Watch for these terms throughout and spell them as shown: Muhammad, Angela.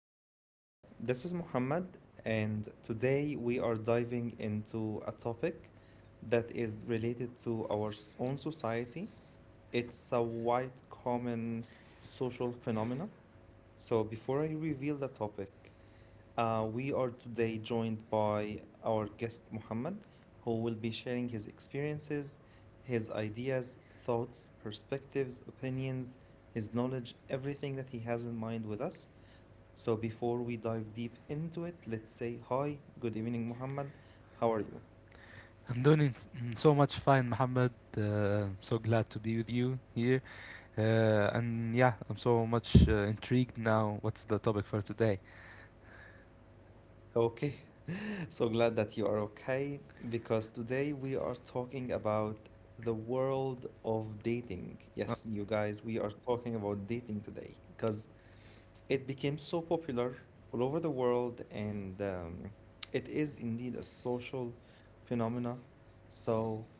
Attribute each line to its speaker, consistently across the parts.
Speaker 1: evening everyone. This is Muhammad, and today we are diving into a topic that is related to our own society. It's a quite common social phenomena. So, before I reveal the topic, we are today joined by our guest Muhammad, who will be sharing his experiences, his ideas, thoughts, perspectives, opinions, his knowledge, everything that he has in mind with us. So before we dive deep into it, let's say hi, good evening, Muhammad. How are you?
Speaker 2: I'm doing so much fine, Muhammad. Uh, I'm so glad to be with you here. And yeah, I'm so much intrigued now. What's the topic for today?
Speaker 1: Okay. So glad that you are okay, because today we are talking about the world of dating.
Speaker 2: Uh,
Speaker 1: Yes, you guys, we are talking about dating today because it became so popular all over the world, and it is indeed a social phenomena. So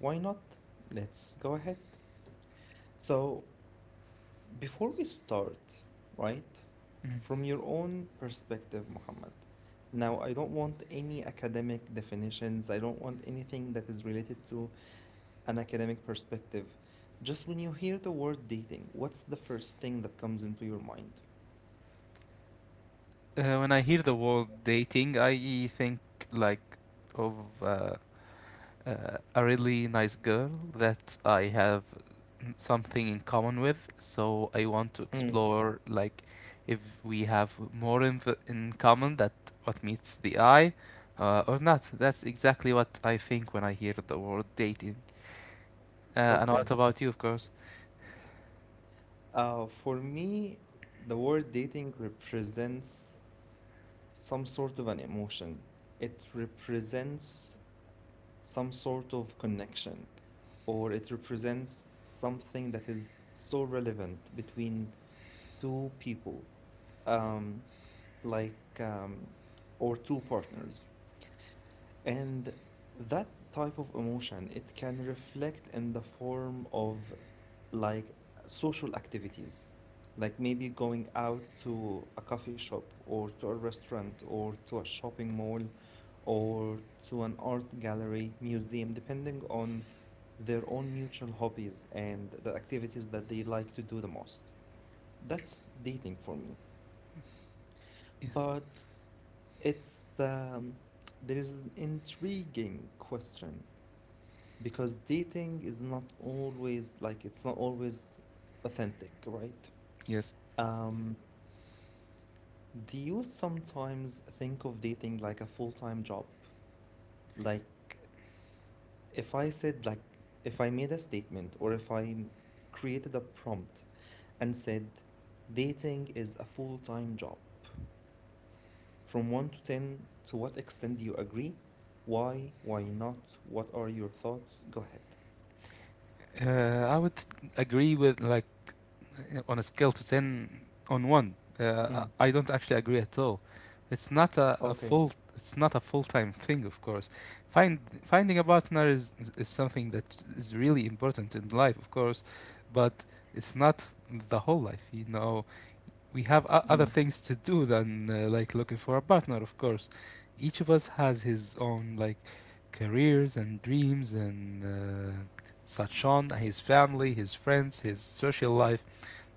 Speaker 1: why not? Let's go ahead. So before we start, right, from your own perspective, Muhammad. Now, I don't want any academic definitions. I don't want anything that is related to an academic perspective. Just when you hear the word dating, what's the first thing that comes into your mind?
Speaker 2: when I hear the word dating, I think like of uh, a really nice girl that I have something in common with. So I want to
Speaker 1: Mm,
Speaker 2: explore like if we have more in common that what meets the eye or not. That's exactly what I think when I hear the word dating. And
Speaker 1: okay.
Speaker 2: what about you, of course?
Speaker 1: For me, the word dating represents some sort of an emotion. It represents some sort of connection, or it represents something that is so relevant between two people, um, like, um, or two partners. And that type of emotion, it can reflect in the form of like social activities, like maybe going out to a coffee shop or to a restaurant or to a shopping mall or to an art gallery, museum, depending on their own mutual hobbies and the activities that they like to do the most. That's dating for me.
Speaker 2: Yes,
Speaker 1: But it's there is an intriguing question because dating is not always like it's not always authentic, right?
Speaker 2: yes.
Speaker 1: Um, do you sometimes think of dating like a full-time job? Like if I said like if I made a statement or if I created a prompt and said dating is a full-time job from 1 to 10, to what extent do you agree? Why? Why not? What are your thoughts? Go ahead.
Speaker 2: Uh, I would agree with like on a scale to 10 on 1 uh,
Speaker 1: Mm.
Speaker 2: i I don't actually agree at all. It's not a
Speaker 1: Okay.
Speaker 2: full it's not a full-time thing, of course. Find finding a partner is something that is really important in life, of course. But it's not the whole life. We have other
Speaker 1: Mm.
Speaker 2: things to do than like looking for a partner, of course. Each of us has his own like careers and dreams and uh, such on his family, his friends, his social life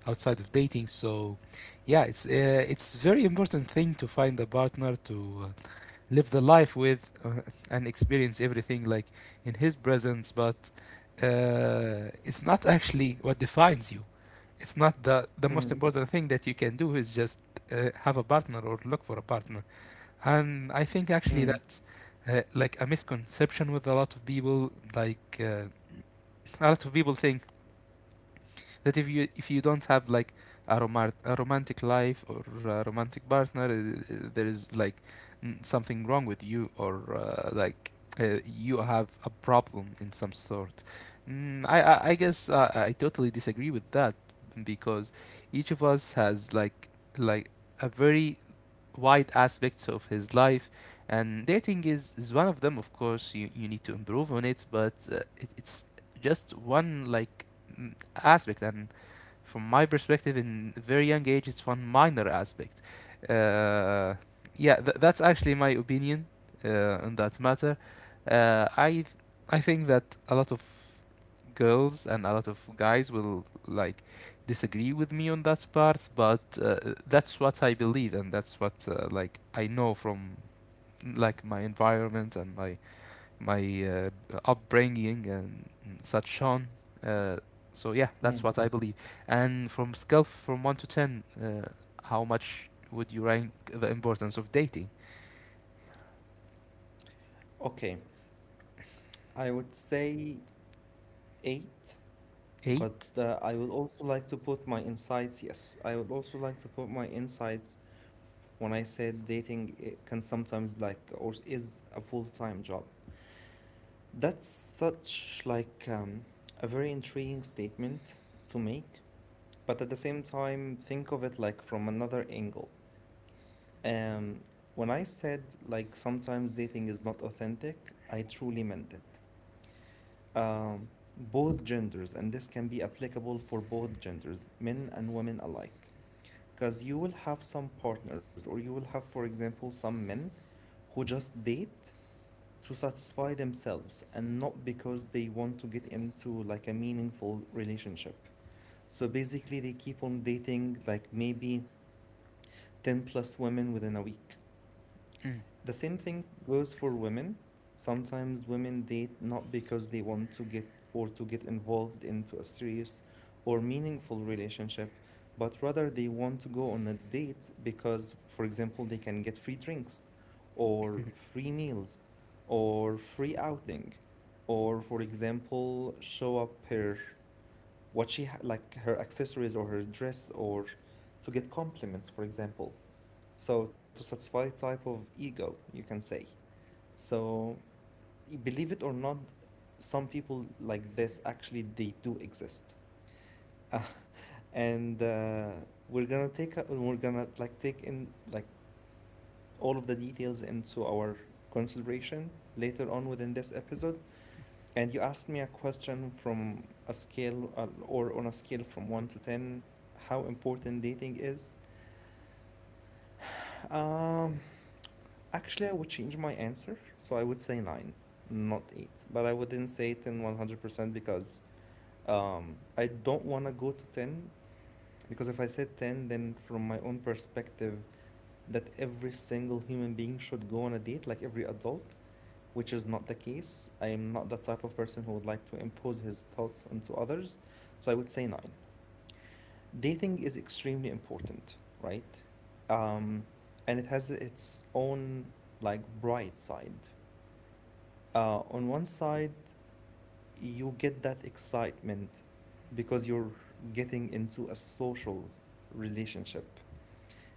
Speaker 2: outside of dating. So, yeah, it's very important thing to find a partner to uh, live the life with and experience everything like in his presence. But it's not actually what defines you. It's not the most
Speaker 1: Mm.
Speaker 2: important thing that you can do is just have a partner or look for a partner. And I think actually
Speaker 1: Mm.
Speaker 2: that's like a misconception with a lot of people. Like a lot of people think that if you don't have like a romantic life or a romantic partner there is like something wrong with you, or you have a problem in some sort. I guess I totally disagree with that, because each of us has like a very wide aspects of his life, and dating is one of them, of course. You need to improve on it, but it's just one like mm, aspect. And from my perspective, in very young age, it's one minor aspect. Uh, yeah, that's actually my opinion on that matter. Uh, I I think that a lot of girls and a lot of guys will like disagree with me on that part, but that's what I believe, and that's what like I know from like my environment and my upbringing and such on. Uh, so yeah, that's
Speaker 1: Mm.
Speaker 2: what I believe. And from scale from one to 10, how much would you rank the importance of dating?
Speaker 1: Okay, I would say eight, but
Speaker 2: Eight.
Speaker 1: I would also like to put my insights. Yes, I would also like to put my insights when I said dating it can sometimes like or is a full-time job. That's such like a very intriguing statement to make, but at the same time, think of it like from another angle. Um, when I said like sometimes dating is not authentic, I truly meant it. Um, both genders, and this can be applicable for both genders, men and women alike. Because you will have some partners, or you will have, for example, some men who just date to satisfy themselves and not because they want to get into like a meaningful relationship. So basically, they keep on dating like maybe 10 plus women within a week. The same thing goes for women. Sometimes women date not because they want to get involved into a serious or meaningful relationship, but rather they want to go on a date because, for example, they can get free drinks or free meals or free outing or, for example, show up her what she ha- like her accessories or her dress or to get compliments, for example. So to satisfy type of ego, you can say. So, believe it or not, some people like this actually they do exist. And we're gonna take a, we're gonna like take in like all of the details into our consideration later on within this episode. And you asked me a question from a scale or on a scale from 1 to 10 how important dating is. Um, actually I would change my answer, so I would say 9, not 8. But I wouldn't say it in 100% because um, I don't want to go to 10, because if I said 10, then from my own perspective, that every single human being should go on a date, like every adult, which is not the case. I am not the type of person who would like to impose his thoughts onto others. So I would say 9. Dating is extremely important, right? Um, and it has its own like bright side. On one side, you get that excitement because you're getting into a social relationship,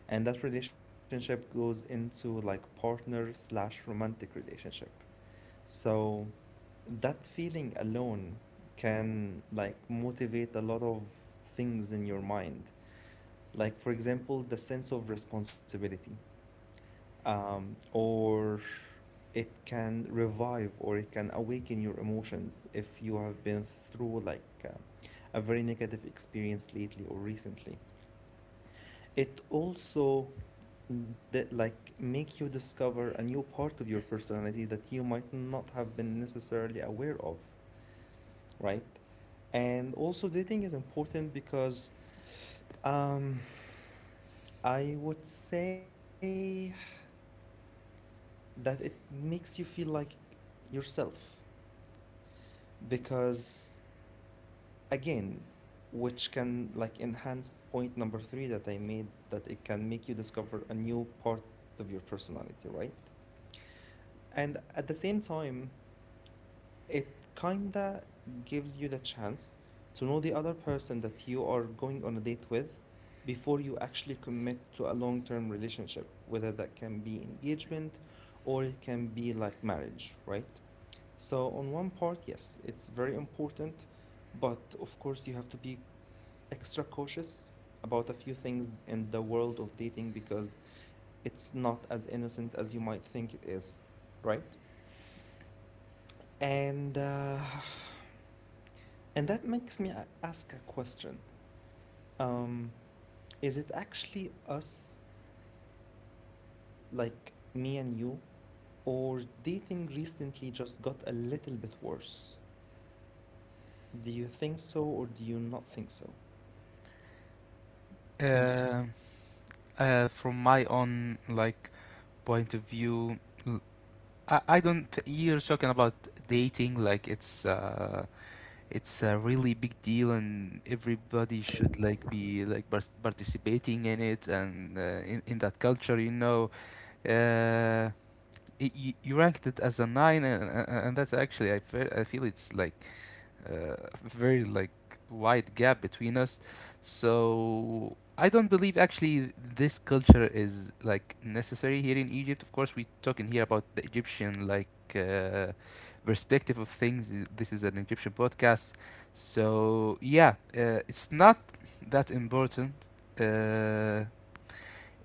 Speaker 1: and that relationship goes into like partner slash romantic relationship, so that feeling alone can like motivate a lot of things in your mind, like for example the sense of responsibility, or it can revive or it can awaken your emotions if you have been through like a very negative experience lately or recently. It also that like make you discover a new part of your personality that you might not have been necessarily aware of, right? And also dating is important because um, I would say that it makes you feel like yourself, because again, which can like enhance point number three that I made, that it can make you discover a new part of your personality, right? And at the same time, it kinda gives you the chance to know the other person that you are going on a date with before you actually commit to a long-term relationship, whether that can be engagement or it can be like marriage, right? So on one part, yes, it's very important, but of course you have to be extra cautious about a few things in the world of dating, because it's not as innocent as you might think it is, right? And uh, and that makes me ask a question. Um, is it actually us, like me and you, or dating recently just got a little bit worse? Do you think so, or do you not think so?
Speaker 2: Uh, from my own like point of view, l- I don't. You're talking about dating like it's a really big deal, and everybody should like be like participating in it and in that culture, you know. Uh, y- you ranked it as a nine, that's actually I feel it's like a very like wide gap between us. So I don't believe actually this culture is like necessary here in Egypt. Of course, we talking here about the Egyptian like uh, perspective of things. This is an Egyptian podcast, so yeah, it's not that important. Uh,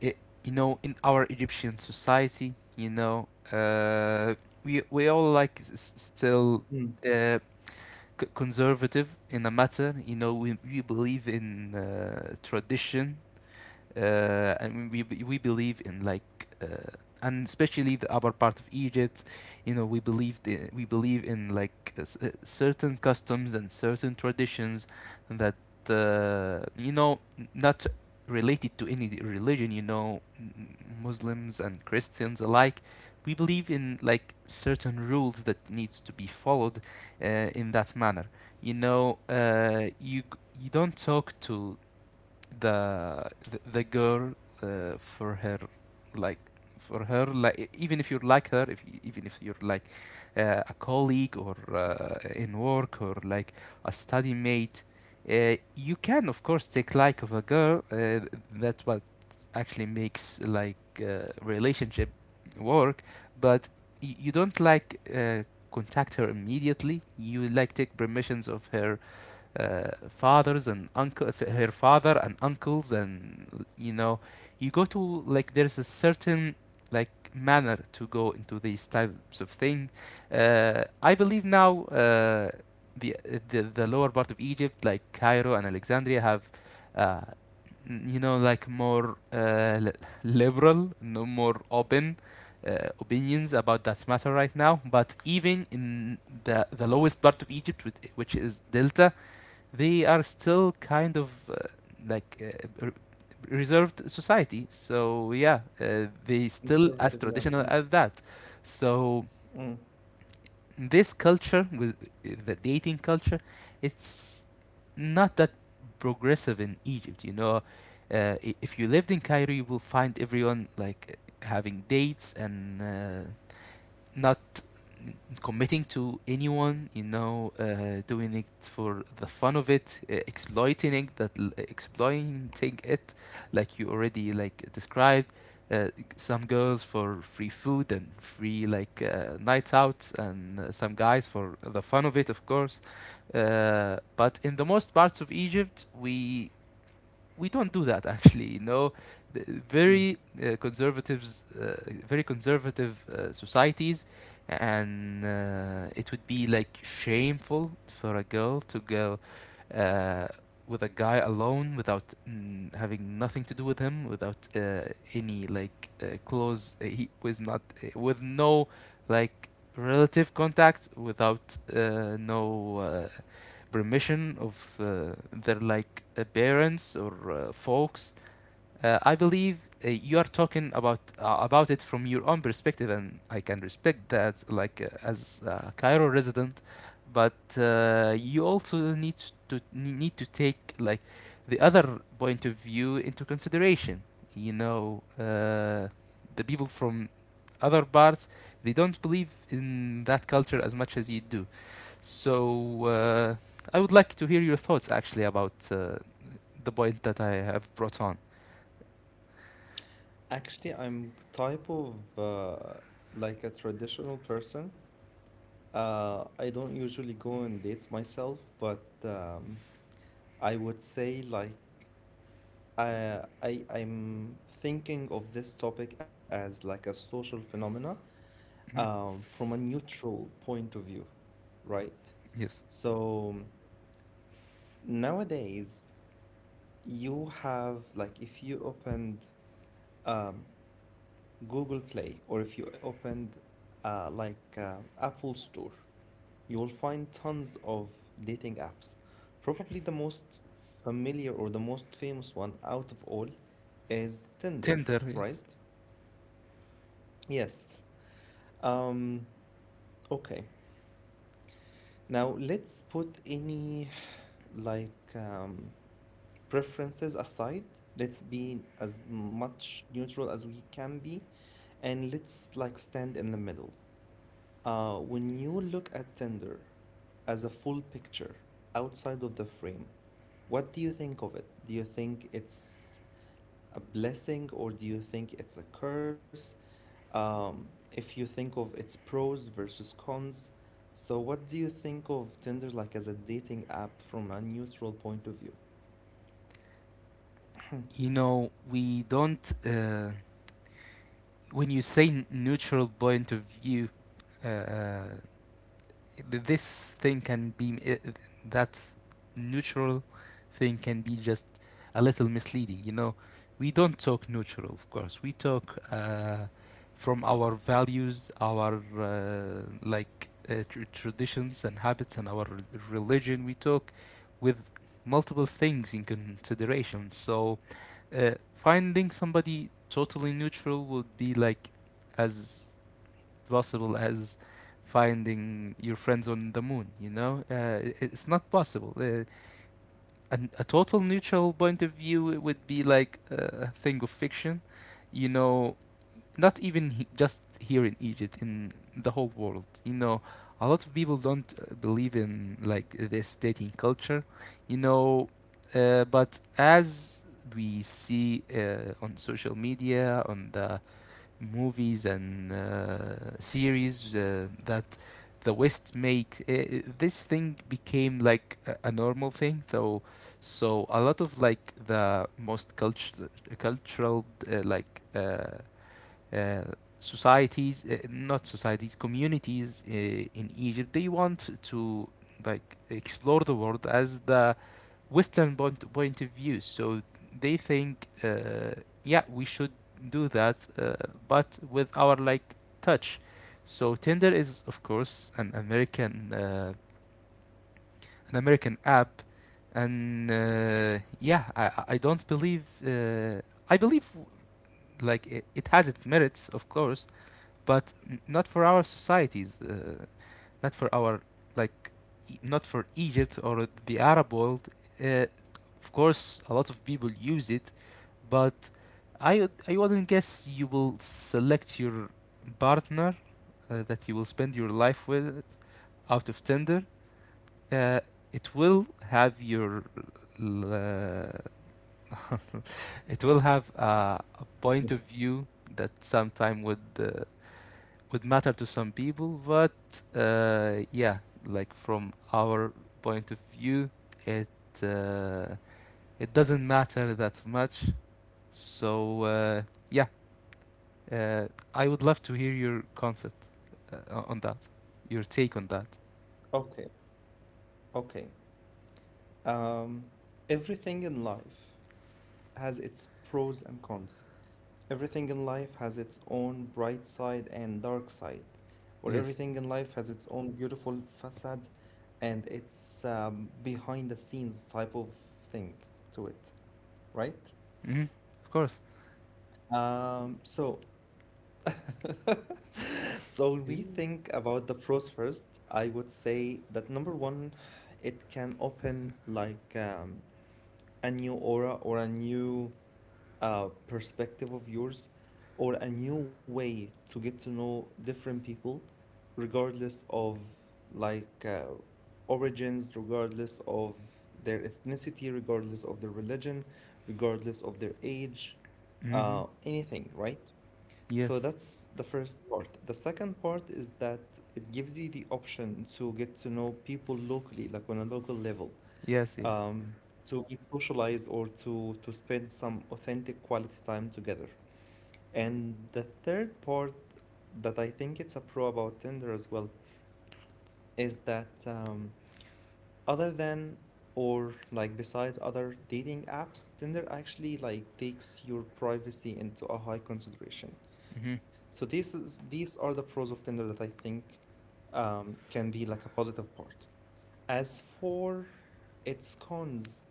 Speaker 2: I in our Egyptian society, you know, we all like still
Speaker 1: Mm.
Speaker 2: uh, conservative in a matter. You know, we believe in tradition and we believe in like and especially the upper part of Egypt, you know, we believe in like certain customs and certain traditions that you know not related to any religion. You know, Muslims and Christians alike. We believe in like certain rules that needs to be followed uh, in that manner. You know, you don't talk to the the girl uh, for her like for her like even if you like her, if y- even if you're like a colleague or in work or like a study mate. You can of course take like of a girl, that's what actually makes like relationship work. But you don't like contact her immediately. You like take permissions of her uh, her father and uncles, and you know, you go to like there's a certain like manner to go into these types of things. I believe now the, the lower part of Egypt, like Cairo and Alexandria, have uh, you know like more liberal, no more open opinions about that matter right now. But even in the lowest part of Egypt, which is Delta, they are still kind of like uh, r- reserved society. So yeah, they still
Speaker 1: Conservative,
Speaker 2: as
Speaker 1: yeah. Mm,
Speaker 2: traditional as that. So
Speaker 1: mm,
Speaker 2: this culture with the dating culture, it's not that progressive in Egypt. You know, if you lived in Cairo, you will find everyone like having dates and not committing to anyone, you know, doing it for the fun of it, exploiting that, exploiting it, like you already like described. Uh, some girls for free food and free like nights out, and some guys for the fun of it, of course. But in the most parts of Egypt, we don't do that actually. Very
Speaker 1: mm.
Speaker 2: conservatives uh, very conservative societies, and it would be like shameful for a girl to go uh, with a guy alone without having nothing to do with him, without any like close he was not with no like relative contact, without no uh, permission of their like parents or folks. I believe you are talking about it from your own perspective, and I can respect that, like as a Cairo resident. But you also need to take like the other point of view into consideration. You know, the people from other parts, they don't believe in that culture as much as you do. So, I would like to hear your thoughts actually about the point that I have brought on.
Speaker 1: Actually, I'm type of like a traditional person. I don't usually go on dates myself, but I would say like I'm thinking of this topic as like a social phenomena, from a neutral point of view, right?
Speaker 2: Yes.
Speaker 1: So nowadays you have like if you opened Google Play or if you opened Apple Store, you will find tons of dating apps. Probably the most familiar or the most famous one out of all is Tinder,
Speaker 2: Tinder, yes.
Speaker 1: right? Yes. Um, okay. Now let's put any like preferences aside. Let's be as much neutral as we can be, and let's like stand in the middle. When you look at Tinder as a full picture outside of the frame, what do you think of it? Do you think it's a blessing or do you think it's a curse? If you think of its pros versus cons, so what do you think of Tinder like as a dating app from a neutral point of view?
Speaker 2: You know, we don't, when you say neutral point of view, uh, uh, this thing can be it, that neutral thing can be just a little misleading, you know. We don't talk neutral, of course. We talk from our values, our traditions and habits, and our religion. We talk with multiple things in consideration. So finding somebody totally neutral would be like as possible as finding your friends on the moon, you know? It's not possible. A total neutral point of view would be like a thing of fiction, you know, not even just here in Egypt, in the whole world, you know. A lot of people don't believe in like this dating culture, you know, but as we see on social media, on the movies and series that the West make. This thing became like a normal thing, though. So a lot of like the most cultural uh, like uh, uh, societies, not societies, communities in Egypt, they want to like explore the world as the Western point of view. So they think, yeah, we should do that, but with our like touch. So Tinder is of course an American app, and yeah, I don't believe, I believe like it has its merits, of course, but not for our societies. Not for our like not for Egypt or the Arab world. Uh, of course, a lot of people use it, but I wouldn't guess you will select your partner that you will spend your life with out of Tinder. Uh, it will have your l- it will have a point of view that sometime would matter to some people, but yeah, like from our point of view, it uh, it doesn't matter that much. So yeah, uh, I would love to hear your concept uh, on that, your take on that.
Speaker 1: Okay, okay. Um, everything in life has its pros and cons. Everything in life has its own bright side and dark side, or
Speaker 2: Yes.
Speaker 1: everything in life has its own beautiful facade and its behind the scenes type of thing to it, right?
Speaker 2: Hmm. Of course.
Speaker 1: So, so when we think about the pros first, I would say that number one, it can open like a new aura or a new perspective of yours or a new way to get to know different people, regardless of like origins, regardless of their ethnicity, regardless of their religion, regardless of their age,
Speaker 2: Hmm.
Speaker 1: anything, right? So
Speaker 2: Yes.
Speaker 1: that's the first part. The second part is that it gives you the option to get to know people locally, like on a local level,
Speaker 2: Yes. Yes.
Speaker 1: um, to socialize or to spend some authentic quality time together. And the third part that I think it's a pro about Tinder as well is that other than or like besides other dating apps, Tinder actually like takes your privacy into a high consideration.
Speaker 2: Hmm.
Speaker 1: So this is these are the pros of Tinder that I think can be like a positive part. As for its cons,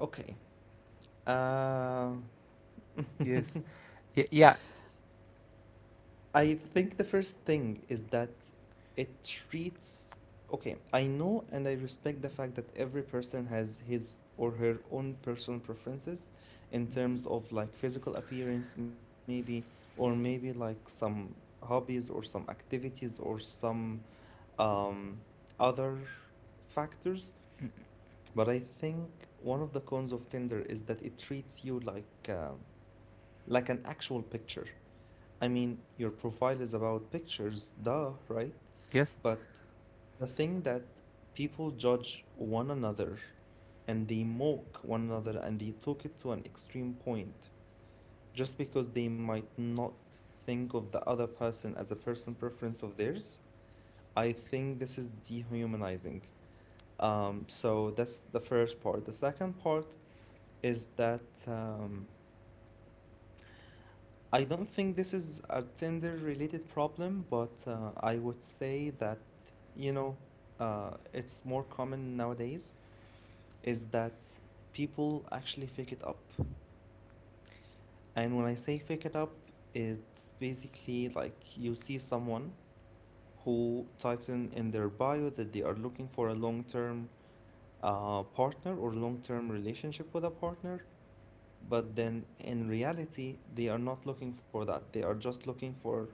Speaker 1: okay. Uh,
Speaker 2: Yes. Yeah.
Speaker 1: I think the first thing is that it treats. Okay, I know and I respect the fact that every person has his or her own personal preferences in terms of like physical appearance, maybe, or maybe like some hobbies or some activities or some um, other factors.
Speaker 2: Mm.
Speaker 1: But I think one of the cons of Tinder is that it treats you like an actual picture. I mean, your profile is about pictures, duh, right?
Speaker 2: Yes.
Speaker 1: But the thing that people judge one another and they mock one another and they took it to an extreme point just because they might not think of the other person as a personal preference of theirs, I think this is dehumanizing. So that's the first part. The second part is that I don't think this is a Tinder related problem, but I would say that, you know, it's more common nowadays is that people actually fake it up. And when I say fake it up, it's basically like you see someone who types in their bio that they are looking for a long-term partner or long-term relationship with a partner, but then in reality, they are not looking for that. They are just looking for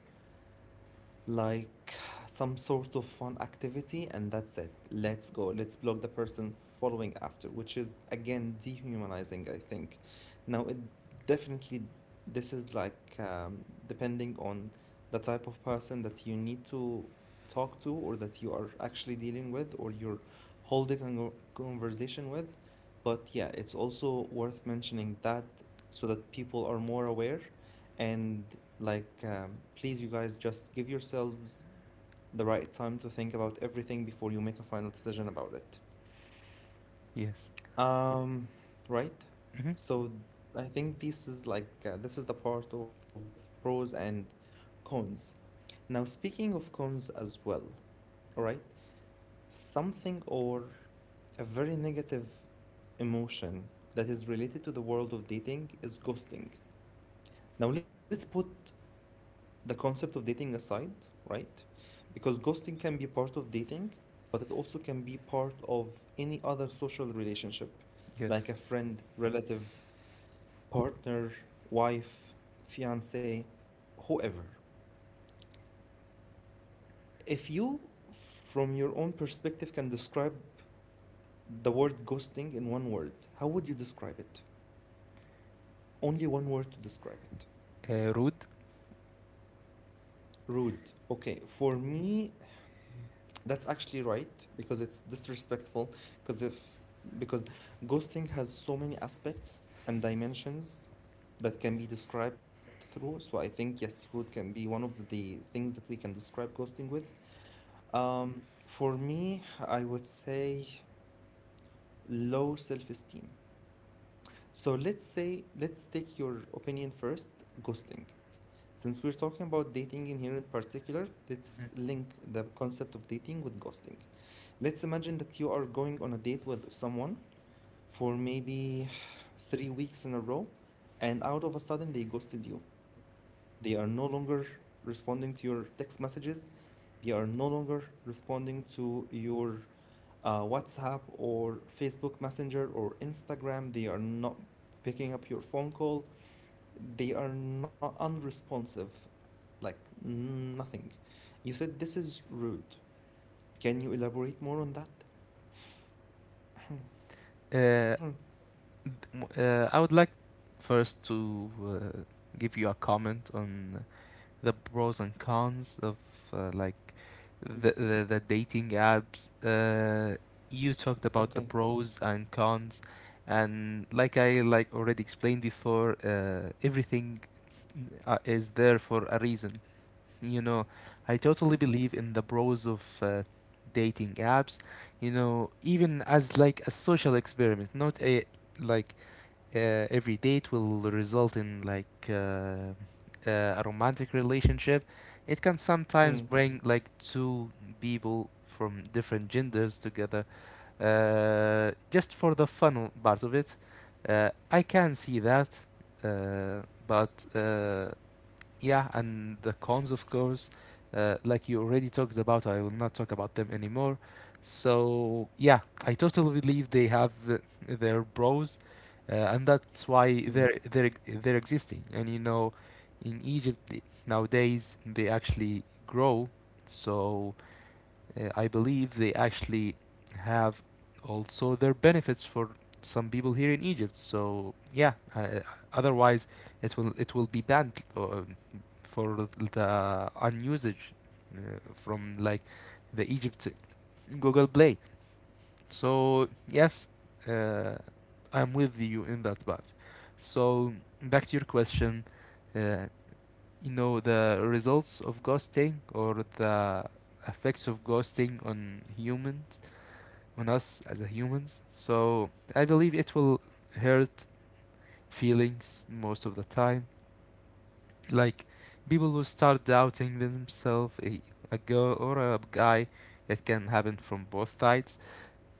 Speaker 1: like some sort of fun activity, and that's it. Let's go. Let's block the person following after, which is again dehumanizing, I think. Now, it definitely this is like depending on the type of person that you need to talk to or that you are actually dealing with or you're holding a conversation with. But yeah, it's also worth mentioning that so that people are more aware and please, you guys, just give yourselves the right time to think about everything before you make a final decision about it.
Speaker 2: Yes.
Speaker 1: Um, right.
Speaker 2: Hmm.
Speaker 1: So I think this is like this is the part of pros and cons. Now, speaking of cons as well, all right, something or a very negative emotion that is related to the world of dating is ghosting. Now, let's put the concept of dating aside, right? Because ghosting can be part of dating, but it also can be part of any other social relationship, like
Speaker 2: Yes.
Speaker 1: a friend, relative, partner, wife, fiance, whoever. If you, from your own perspective, can describe the word ghosting in one word, how would you describe it? Only one word to describe it.
Speaker 2: Rude.
Speaker 1: Rude. Okay, for me, that's actually right because it's disrespectful because if because ghosting has so many aspects and dimensions that can be described through. So I think yes, root can be one of the things that we can describe ghosting with. For me, I would say low self-esteem. So let's say, let's take your opinion first, ghosting. Since we're talking about dating in here in particular, let's link the concept of dating with ghosting. Let's imagine that you are going on a date with someone for maybe three weeks in a row, and out of a sudden they ghosted you. They are no longer responding to your text messages, they are no longer responding to your WhatsApp or Facebook Messenger or Instagram. They are not picking up your phone call. They are not unresponsive, like nothing. You said this is rude. Can you elaborate more on that?
Speaker 2: Uh, I would like first to give you a comment on the pros and cons of like
Speaker 1: Mm.
Speaker 2: the dating apps. You talked about the
Speaker 1: Okay.
Speaker 2: pros and cons, and like I like already explained before, everything is there for a reason. You know, I totally believe in the pros of dating apps. You know, even as like a social experiment, not a like every date will result in like a romantic relationship. It can sometimes
Speaker 1: Mm,
Speaker 2: bring like two people from different genders together, just for the fun part of it. I can see that, uh, but yeah, and the cons, of course, like you already talked about, I will not talk about them anymore. So, yeah, I totally believe they have their pros, and that's why
Speaker 1: mm,
Speaker 2: they're existing. And you know, in Egypt nowadays they actually grow, so I believe they actually have also their benefits for some people here in Egypt. So, yeah, otherwise it will be banned for the unusage from like the Egypt Google Play. So yes, uh, I'm with you in that part. So back to your question, uh, you know the results of ghosting or the effects of ghosting on humans, on us as a humans. So I believe it will hurt feelings most of the time. Like people who start doubting themselves, a girl or a guy, it can happen from both sides.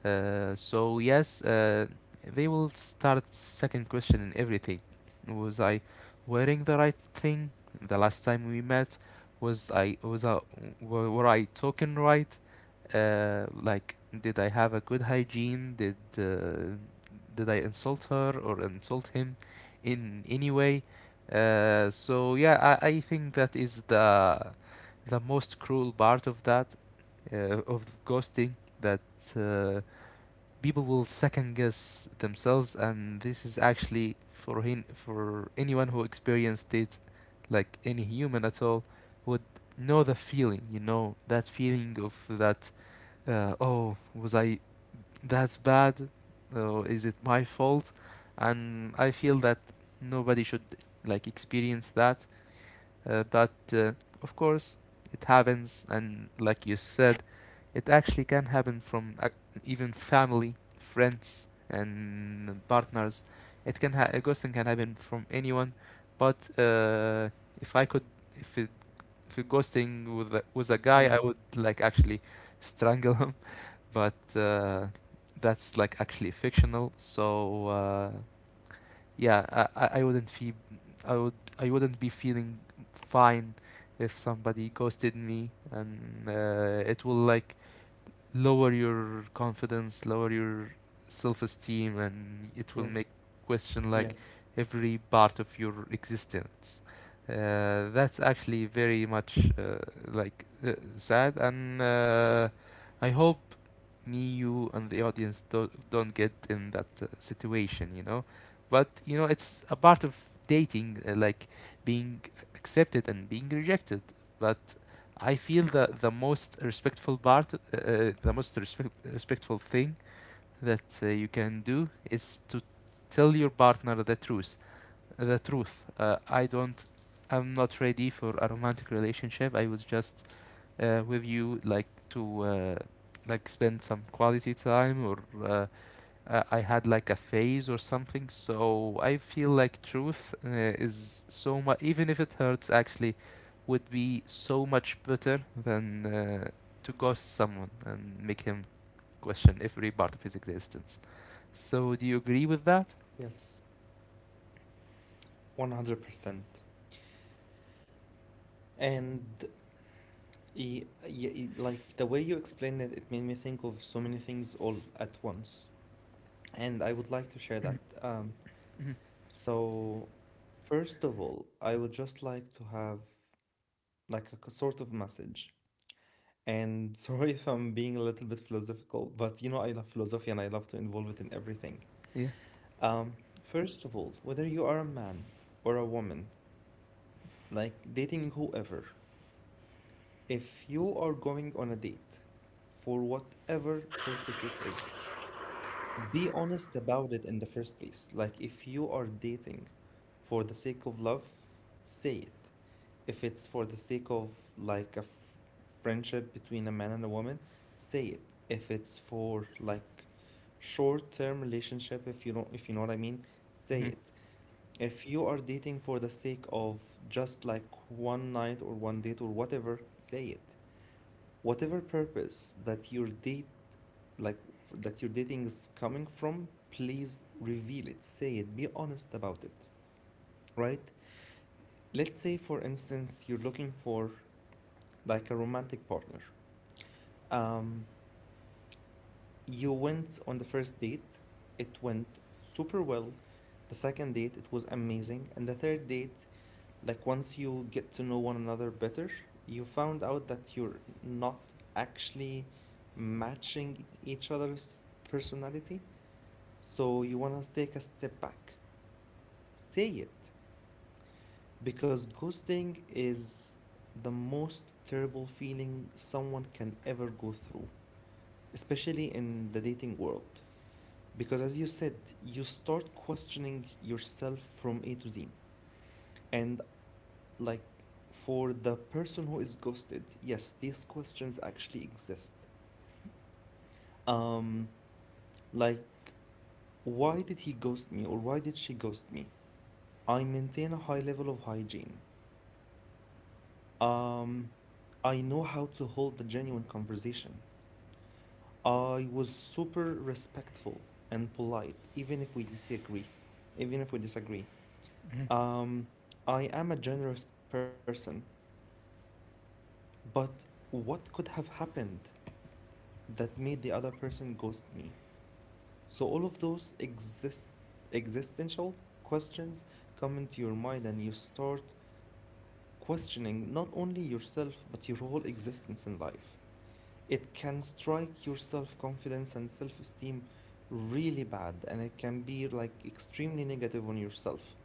Speaker 2: So yes, they will start second questioning everything. Was I wearing the right thing the last time we met? Was I was I were I talking right? Like, did I have a good hygiene? Did I insult her or insult him in any way? So yeah, I think that is the most cruel part of that, of ghosting, that uh, people will second guess themselves, and this is actually for him for anyone who experienced it, like any human at all, would know the feeling. You know that feeling of that, oh, was I that bad? Oh, is it my fault? And I feel that nobody should like experience that. But of course, it happens, and like you said, it actually can happen from ac even family, friends, and partners. It can ghosting can happen from anyone, but if I could, if it if it ghosting with a, was a
Speaker 1: mm.
Speaker 2: guy, I would like actually strangle him, but that's like actually fictional. So yeah, I wouldn't feel, I would I wouldn't be feeling fine if somebody ghosted me, and it will like lower your confidence, lower your self-esteem, and it
Speaker 1: Yes.
Speaker 2: will make question
Speaker 1: Yes.
Speaker 2: like every part of your existence. That's actually very much sad, and I hope me, you, and the audience don't get in that situation, But you know, it's a part of dating, like being accepted and being rejected. But I feel that the most respectful part, the most respectful thing that you can do is to tell your partner the truth. The truth. I don't. I'm not ready for a romantic relationship. I was just with you like to like spend some quality time or uh, I had like a phase or something. So I feel like truth is so much, even if it hurts, actually, would be so much better than to ghost someone and make him question every part of his existence. So do you agree with that?
Speaker 1: Yes. 100%. And like the way you explained it, it made me think of so many things all at once. And I would like to share that. So, first of all, I would just like to have like a sort of message. And sorry if I'm being a little bit philosophical, but you know I love philosophy and I love to involve it in everything.
Speaker 2: Yeah.
Speaker 1: Um, First of all, whether you are a man or a woman, like dating whoever, if you are going on a date for whatever purpose it is, be honest about it in the first place. Like, if you are dating for the sake of love, say it. If it's for the sake of like a friendship between a man and a woman, say it. If it's for like short-term relationship, if you don't, if you know what I mean, say
Speaker 2: Hmm.
Speaker 1: it. If you are dating for the sake of just like one night or one date or whatever, say it. Whatever purpose that your date like that your dating is coming from, please reveal it, say it, be honest about it, right? Let's say for instance you're looking for like a romantic partner. um You went on the first date, it went super well. The second date, it was amazing. And the third date, like once you get to know one another better, you found out that you're not actually matching each other's personality. So you want to take a step back. Say it. Because ghosting is the most terrible feeling someone can ever go through, especially in the dating world. Because as you said, you start questioning yourself from A to Z. And like for the person who is ghosted, yes, these questions actually exist. Um, like, why did he ghost me or why did she ghost me? I maintain a high level of hygiene. Um, I know how to hold a genuine conversation. I was super respectful and polite, even if we disagree.
Speaker 2: Hmm.
Speaker 1: Um, I am a generous person, but what could have happened that made the other person ghost me? So all of those exist existential questions come into your mind and you start questioning not only yourself but your whole existence in life. It can strike your self-confidence and self-esteem really bad and it can be like extremely negative on yourself.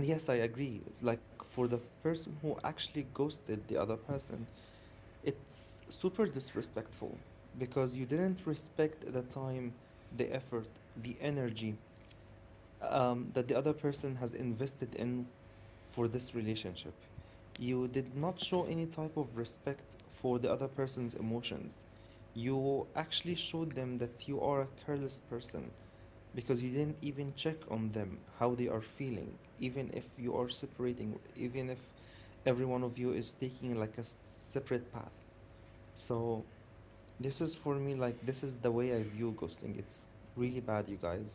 Speaker 1: And yes, I agree. Like, for the person who actually ghosted the other person, it's super disrespectful because you didn't respect the time, the effort, the energy that the other person has invested in for this relationship. You did not show any type of respect for the other person's emotions. You actually showed them that you are a careless person, because you didn't even check on them, how they are feeling, even if you are separating, even if every one of you is taking like a separate path. So, this is for me like this is the way I view ghosting. It's really bad, you guys.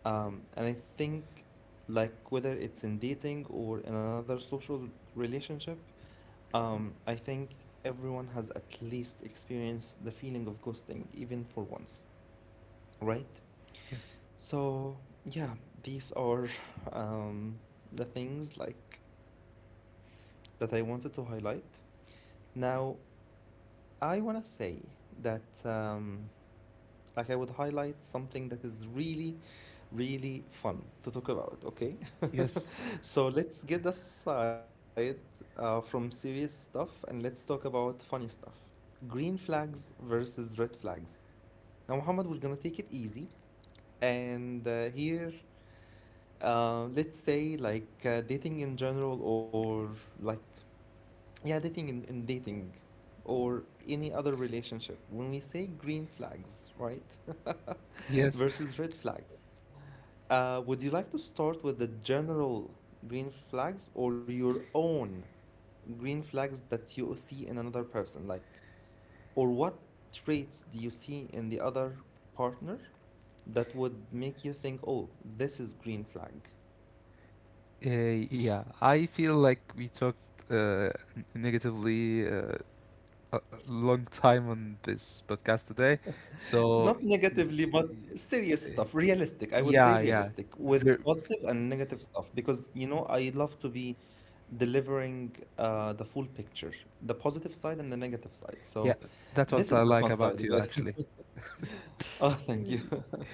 Speaker 1: And I think like whether it's in dating or another social relationship, I think everyone has at least experienced the feeling of ghosting, even for once, right?
Speaker 2: Yes.
Speaker 1: So, yeah, these are um, the things like that I wanted to highlight. Now, I want to say that like I would highlight something that is really, really fun to talk about, okay?
Speaker 2: Yes.
Speaker 1: So let's get aside from serious stuff and let's talk about funny stuff. Green flags versus red flags. Now, Muhammad, we're gonna take it easy, and here let's say like dating in general or like yeah dating in dating or any other relationship when we say green flags, right?
Speaker 2: Yes.
Speaker 1: Versus red flags, would you like to start with the general green flags or your own green flags that you see in another person like or what traits do you see in the other partner that would make you think oh this is green flag?
Speaker 2: Yeah. I feel like we talked uh, n- negatively a long time on this podcast today. So
Speaker 1: Not negatively, but serious stuff, realistic. I would say
Speaker 2: yeah, yeah.
Speaker 1: realistic with
Speaker 2: Ver
Speaker 1: positive and negative stuff because, you know, I love to be delivering the full picture, the positive side and the negative side.
Speaker 2: Yeah,
Speaker 1: So
Speaker 2: that was
Speaker 1: this
Speaker 2: I
Speaker 1: is the
Speaker 2: like
Speaker 1: fun side
Speaker 2: about
Speaker 1: of
Speaker 2: you
Speaker 1: it.
Speaker 2: actually.
Speaker 1: Oh, thank you.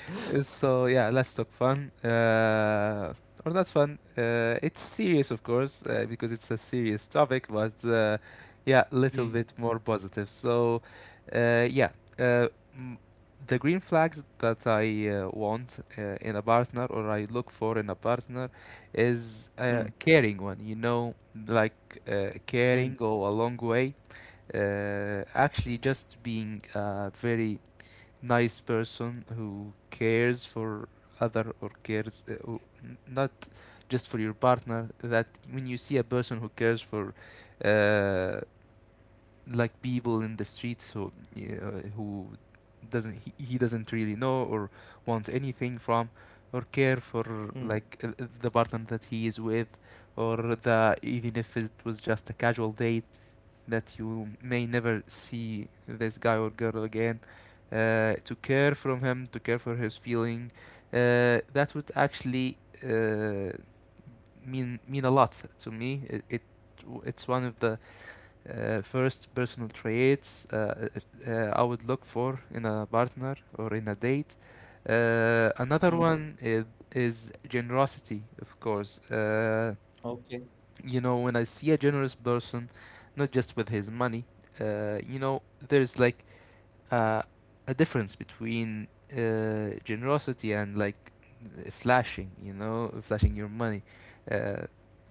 Speaker 2: So yeah, let's talk fun. Or not fun. It's serious, of course, because it's a serious topic, but yeah, little
Speaker 1: Mm,
Speaker 2: bit more positive. So yeah, uh, m- the green flags that I want in a partner or I look for in a partner is a
Speaker 1: mm,
Speaker 2: caring one. You know, like
Speaker 1: mm,
Speaker 2: caring go a long way, actually just being a very nice person who cares for other or cares, not just for your partner, that when you see a person who cares for uh, like people in the streets who doesn't, he doesn't really know or want anything from or care for,
Speaker 1: mm,
Speaker 2: like the partner that he is with or the, even if it was just a casual date that you may never see this guy or girl again, to care from him to care for his feeling, that would actually uh, mean a lot to me. It it's one of the first personal traits I would look for in a partner or in a date. Uh, another
Speaker 1: mm.
Speaker 2: one is, is generosity, of course.
Speaker 1: Okay.
Speaker 2: You know when I see a generous person not just with his money, you know there's like uh, a difference between generosity and like flashing, you know, flashing your money. Uh,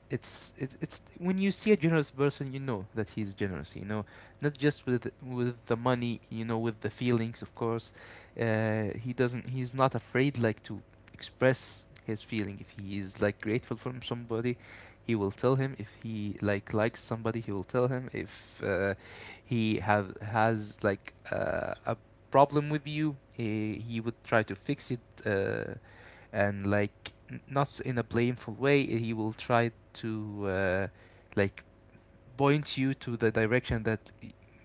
Speaker 2: it's when you see a generous person, you know that he's generous. You know, not just with the money, you know, with the feelings, of course. He doesn't. He's not afraid like to express his feeling. If he is like grateful from somebody, he will tell him. If he like likes somebody, he will tell him. If he have has like a problem with you, he would try to fix it, uh, and like not in a blameful way. He will try to like point you to the direction that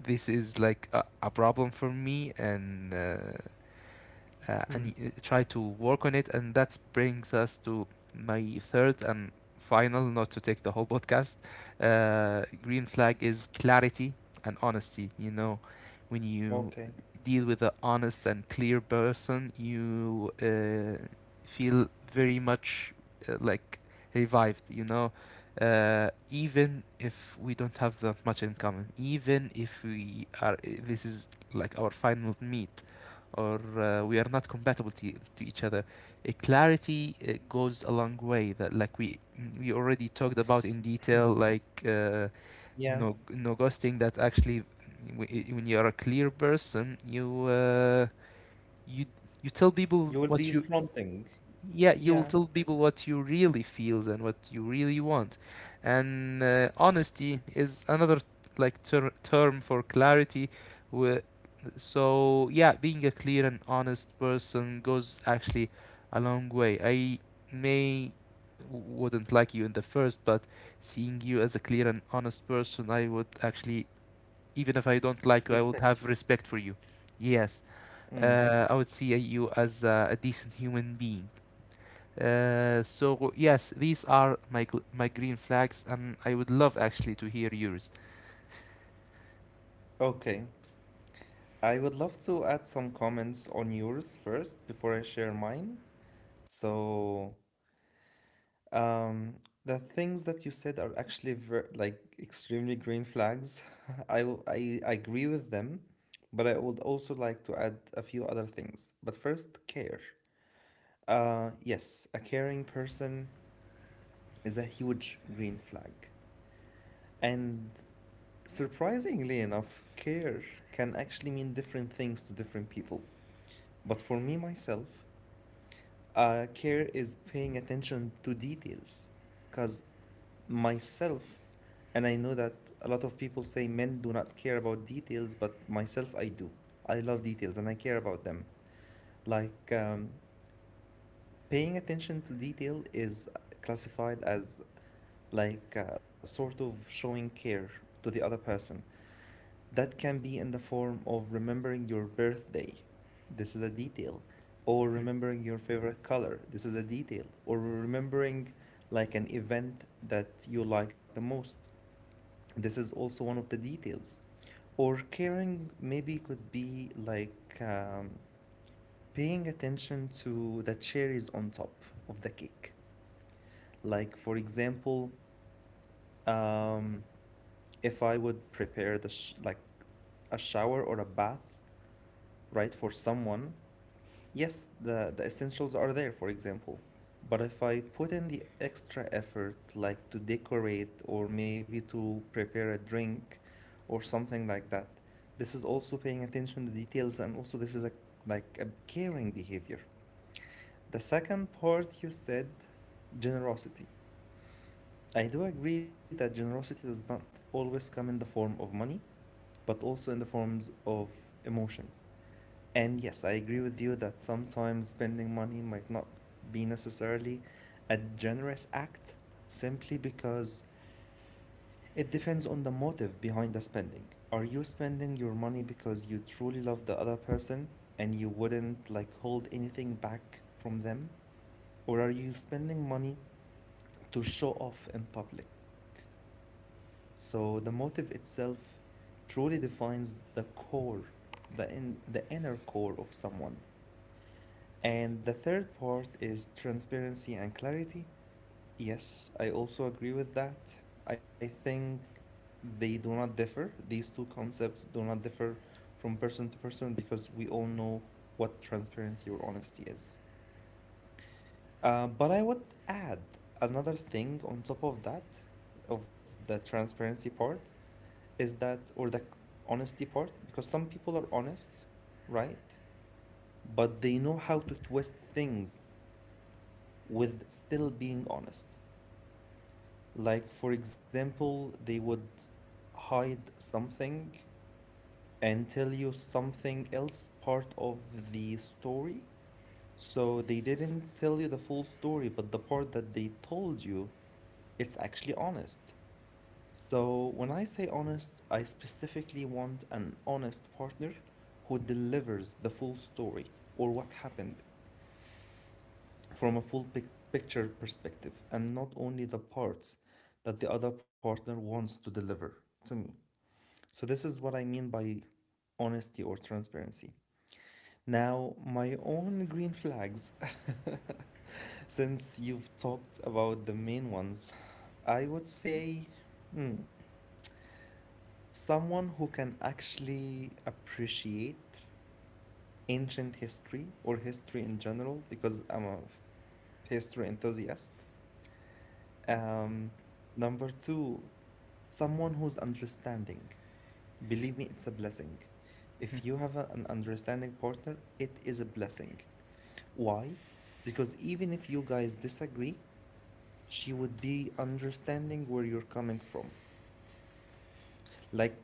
Speaker 2: this is like a problem for me, and
Speaker 1: Mm,
Speaker 2: try to work on it. And that brings us to my third and final, not to take the whole podcast. Green flag is clarity and honesty. You know, when you
Speaker 1: okay.
Speaker 2: deal with an honest and clear person, you feel very much like revived. You know. Even if we don't have that much in common, even if we are, this is like our final meet, or we are not compatible to each other. A clarity goes a long way. That like we already talked about in detail,
Speaker 1: Mm.
Speaker 2: like
Speaker 1: Yeah.
Speaker 2: no no ghosting. That actually, when you are a clear person, you you you tell people
Speaker 1: You will
Speaker 2: what
Speaker 1: be
Speaker 2: you,
Speaker 1: fronting.
Speaker 2: yeah, you will
Speaker 1: Yeah.
Speaker 2: tell people what you really feel and what you really want, and honesty is another like term for clarity, wh- so yeah, being a clear and honest person goes actually a long way. I may wouldn't like you in the first, but seeing you as a clear and honest person, I would actually, even if I don't like you, I would
Speaker 1: Respect
Speaker 2: have
Speaker 1: you.
Speaker 2: respect for you. Yes.
Speaker 1: Mm.
Speaker 2: I would see you as a decent human being, so yes, these are my my green flags, and I would love actually to hear yours.
Speaker 1: Okay. I would love to add some comments on yours first before I share mine. So, um, the things that you said are actually ver like extremely green flags. I agree with them, but I would also like to add a few other things. But first, care. Yes, a caring person is a huge green flag. And surprisingly enough, care can actually mean different things to different people. But for me, myself, care is paying attention to details because myself and I know that a lot of people say men do not care about details but myself I do. I love details and I care about them like paying attention to detail is classified as like sort of showing care to the other person. That can be in the form of remembering your birthday. This is a detail. Or remembering your favorite color. This is a detail. Or remembering like an event that you like the most. This is also one of the details. Or caring maybe could be like paying attention to the cherries on top of the cake. Like, for example, um, if I would prepare the like a shower or a bath, right? For someone, yes, the essentials are there, for example. But if I put in the extra effort, like to decorate or maybe to prepare a drink or something like that, this is also paying attention to details and also this is a like a caring behavior. The second part you said, generosity. I do agree that generosity does not always come in the form of money, but also in the forms of emotions. And yes, I agree with you that sometimes spending money might not be necessarily a generous act simply because it depends on the motive behind the spending. Are you spending your money because you truly love the other person and you wouldn't like hold anything back from them? Or are you spending money to show off in public? So the motive itself truly defines the core, the inner core of someone. And the third part is transparency and clarity. Yes, I also agree with that. I think they do not differ. These two concepts do not differ from person to person because we all know what transparency or honesty is. But I would add another thing on top of that, of the transparency part, is that, or the honesty part, because some people are honest, right? But they know how to twist things with still being honest. Like, for example, they would hide something and tell you something else part of the story. So they didn't tell you the full story, but the part that they told you, it's actually honest. So when I say honest, I specifically want an honest partner who delivers the full story or what happened from a full picture perspective and not only the parts that the other partner wants to deliver to me. So, this is what I mean by honesty or transparency. Now, my own green flags, since you've talked about the main ones, I would say someone who can actually appreciate ancient history or history in general, because I'm a history enthusiast. Um, Number two, someone who's understanding. Believe me, it's a blessing.
Speaker 2: Mhm.
Speaker 1: If you have an understanding partner, it is a blessing. Why? Because even if you guys disagree, she would be understanding where you're coming from. Like,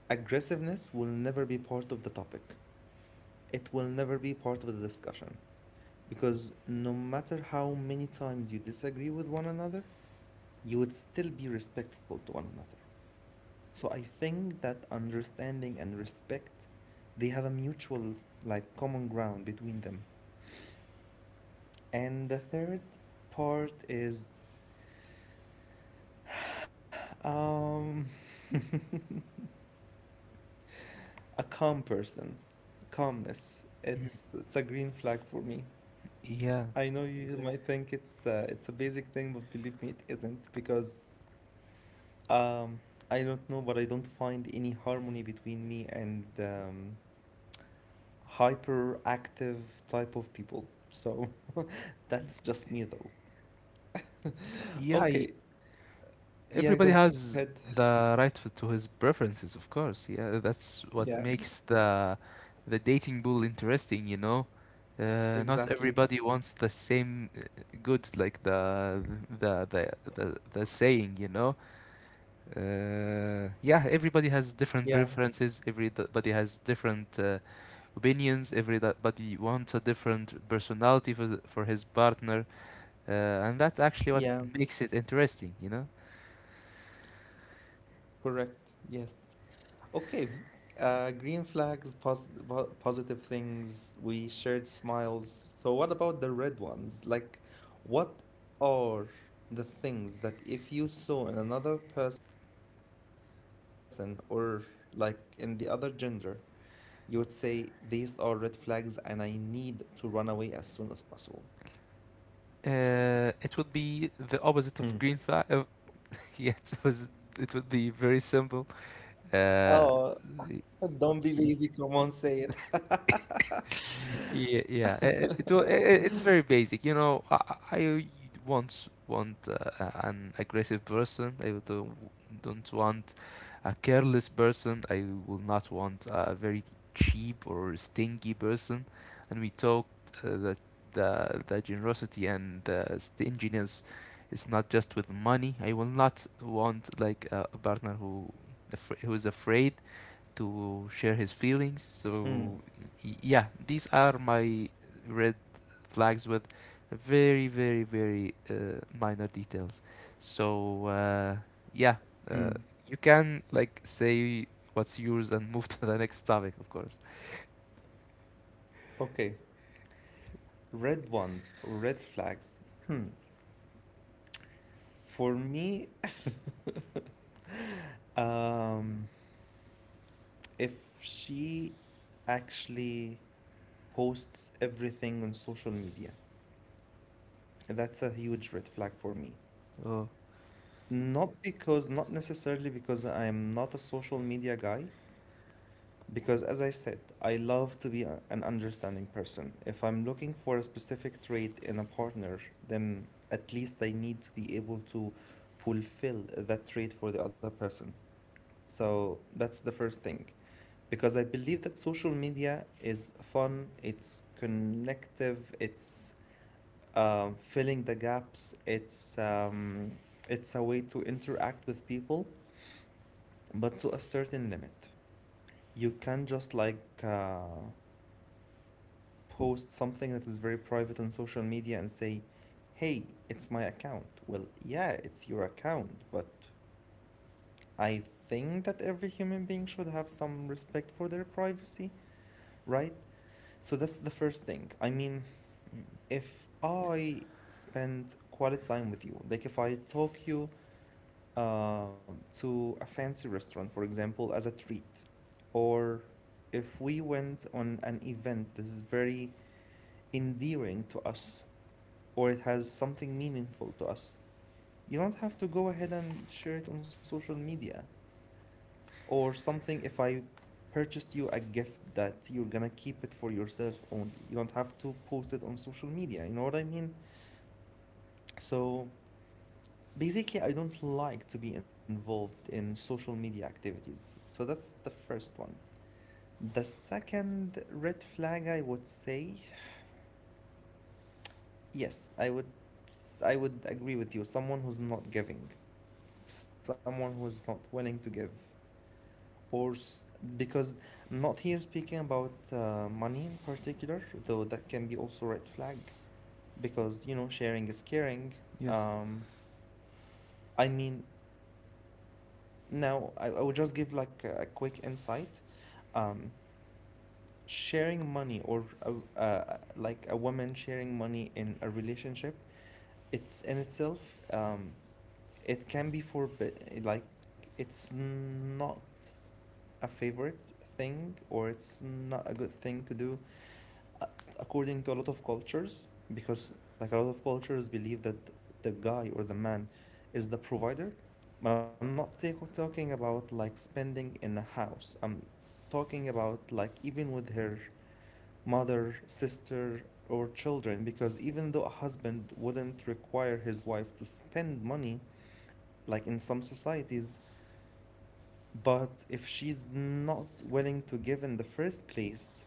Speaker 1: aggressiveness will never be part of the topic, it will never be part of the discussion. Because no matter how many times you disagree with one another, you would still be respectful to one another. So I think that understanding and respect, they have a mutual, like, common ground between them. And the third part is um a calm person. Calmness. It's a green flag for me.
Speaker 2: Yeah,
Speaker 1: I know you might think it's a basic thing, but believe me, it isn't because um I don't know, but I don't find any harmony between me and hyperactive type of people. So that's just me though.
Speaker 2: yeah.
Speaker 1: Okay.
Speaker 2: Everybody
Speaker 1: Yeah, go
Speaker 2: has
Speaker 1: ahead.
Speaker 2: the right to his preferences, of course. Yeah, that's what
Speaker 1: Yeah,
Speaker 2: makes the dating pool interesting, you know. Not
Speaker 1: exactly.
Speaker 2: everybody wants the same goods, like the the the saying, you know. Yeah, everybody has
Speaker 1: Yeah.
Speaker 2: different preferences. Everybody has different. Opinions. Everybody wants a different personality for for his partner, uh, and that's actually what
Speaker 1: Yeah,
Speaker 2: makes it interesting. You know,
Speaker 1: correct. Yes. Okay. Green flags, positive things, we shared smiles. So what about the red ones? Like, what are the things that if you saw in another person or like in the other gender, you would say, these are red flags and I need to run away as soon as possible.
Speaker 2: it would be the opposite of green flag. Yes, it was. It would be very simple.
Speaker 1: Oh,
Speaker 2: Uh,
Speaker 1: don't
Speaker 2: y-
Speaker 1: be lazy. Come on, say it.
Speaker 2: Yeah, yeah. It's very basic. You know, I once want an aggressive person. I don't want a careless person. I will not want a very cheap or stingy person. And we talked that the generosity and the stinginess is not just with money. I will not want like a partner who, who is afraid to share his feelings.
Speaker 1: Mm,
Speaker 2: So yeah, these are my red flags with very, very, very minor details. So yeah,
Speaker 1: mm.
Speaker 2: uh, you can like say what's yours and move to the next topic, of course.
Speaker 1: Okay. Red ones or red flags. For me, um, if she actually posts everything on social media, that's a huge red flag for me.
Speaker 2: Oh,
Speaker 1: Not because, not necessarily because I'm not a social media guy, because, as I said, I love to be an understanding person. If I'm looking for a specific trait in a partner, then at least I need to be able to fulfill that trait for the other person. So that's the first thing. Because I believe that social media is fun, it's connective, it's filling the gaps, it's a way to interact with people, but to a certain limit you can't just like post something that is very private on social media and say, hey, it's my account. Well, yeah, it's your account, but I think that every human being should have some respect for their privacy, right? So that's the first thing. I mean,
Speaker 2: mm,
Speaker 1: if I spend quality time with you, like if I talk you uh, to a fancy restaurant, for example, as a treat, or if we went on an event that is very endearing to us or it has something meaningful to us, you don't have to go ahead and share it on social media or something. If I purchased you a gift that you're gonna keep it for yourself only, you don't have to post it on social media. You know what I mean? So basically, I don't like to be involved in social media activities. So that's the first one. The second red flag I would say, yes, I would agree with you. Someone who's not giving, someone who's not willing to give, or s- because I'm not here speaking about money in particular, though that can be also red flag because you know sharing is caring.
Speaker 2: yes,
Speaker 1: Um, I mean, now I would just give like a quick insight. Um, Sharing money or like a woman sharing money in a relationship, it's in itself, it can be forbid. Like it's not a favorite thing or it's not a good thing to do according to a lot of cultures because like a lot of cultures believe that the guy or the man is the provider, but I'm not talking about like spending in a house. I'm talking about like even with her mother, sister, or children, because even though a husband wouldn't require his wife to spend money like in some societies, but if she's not willing to give in the first place,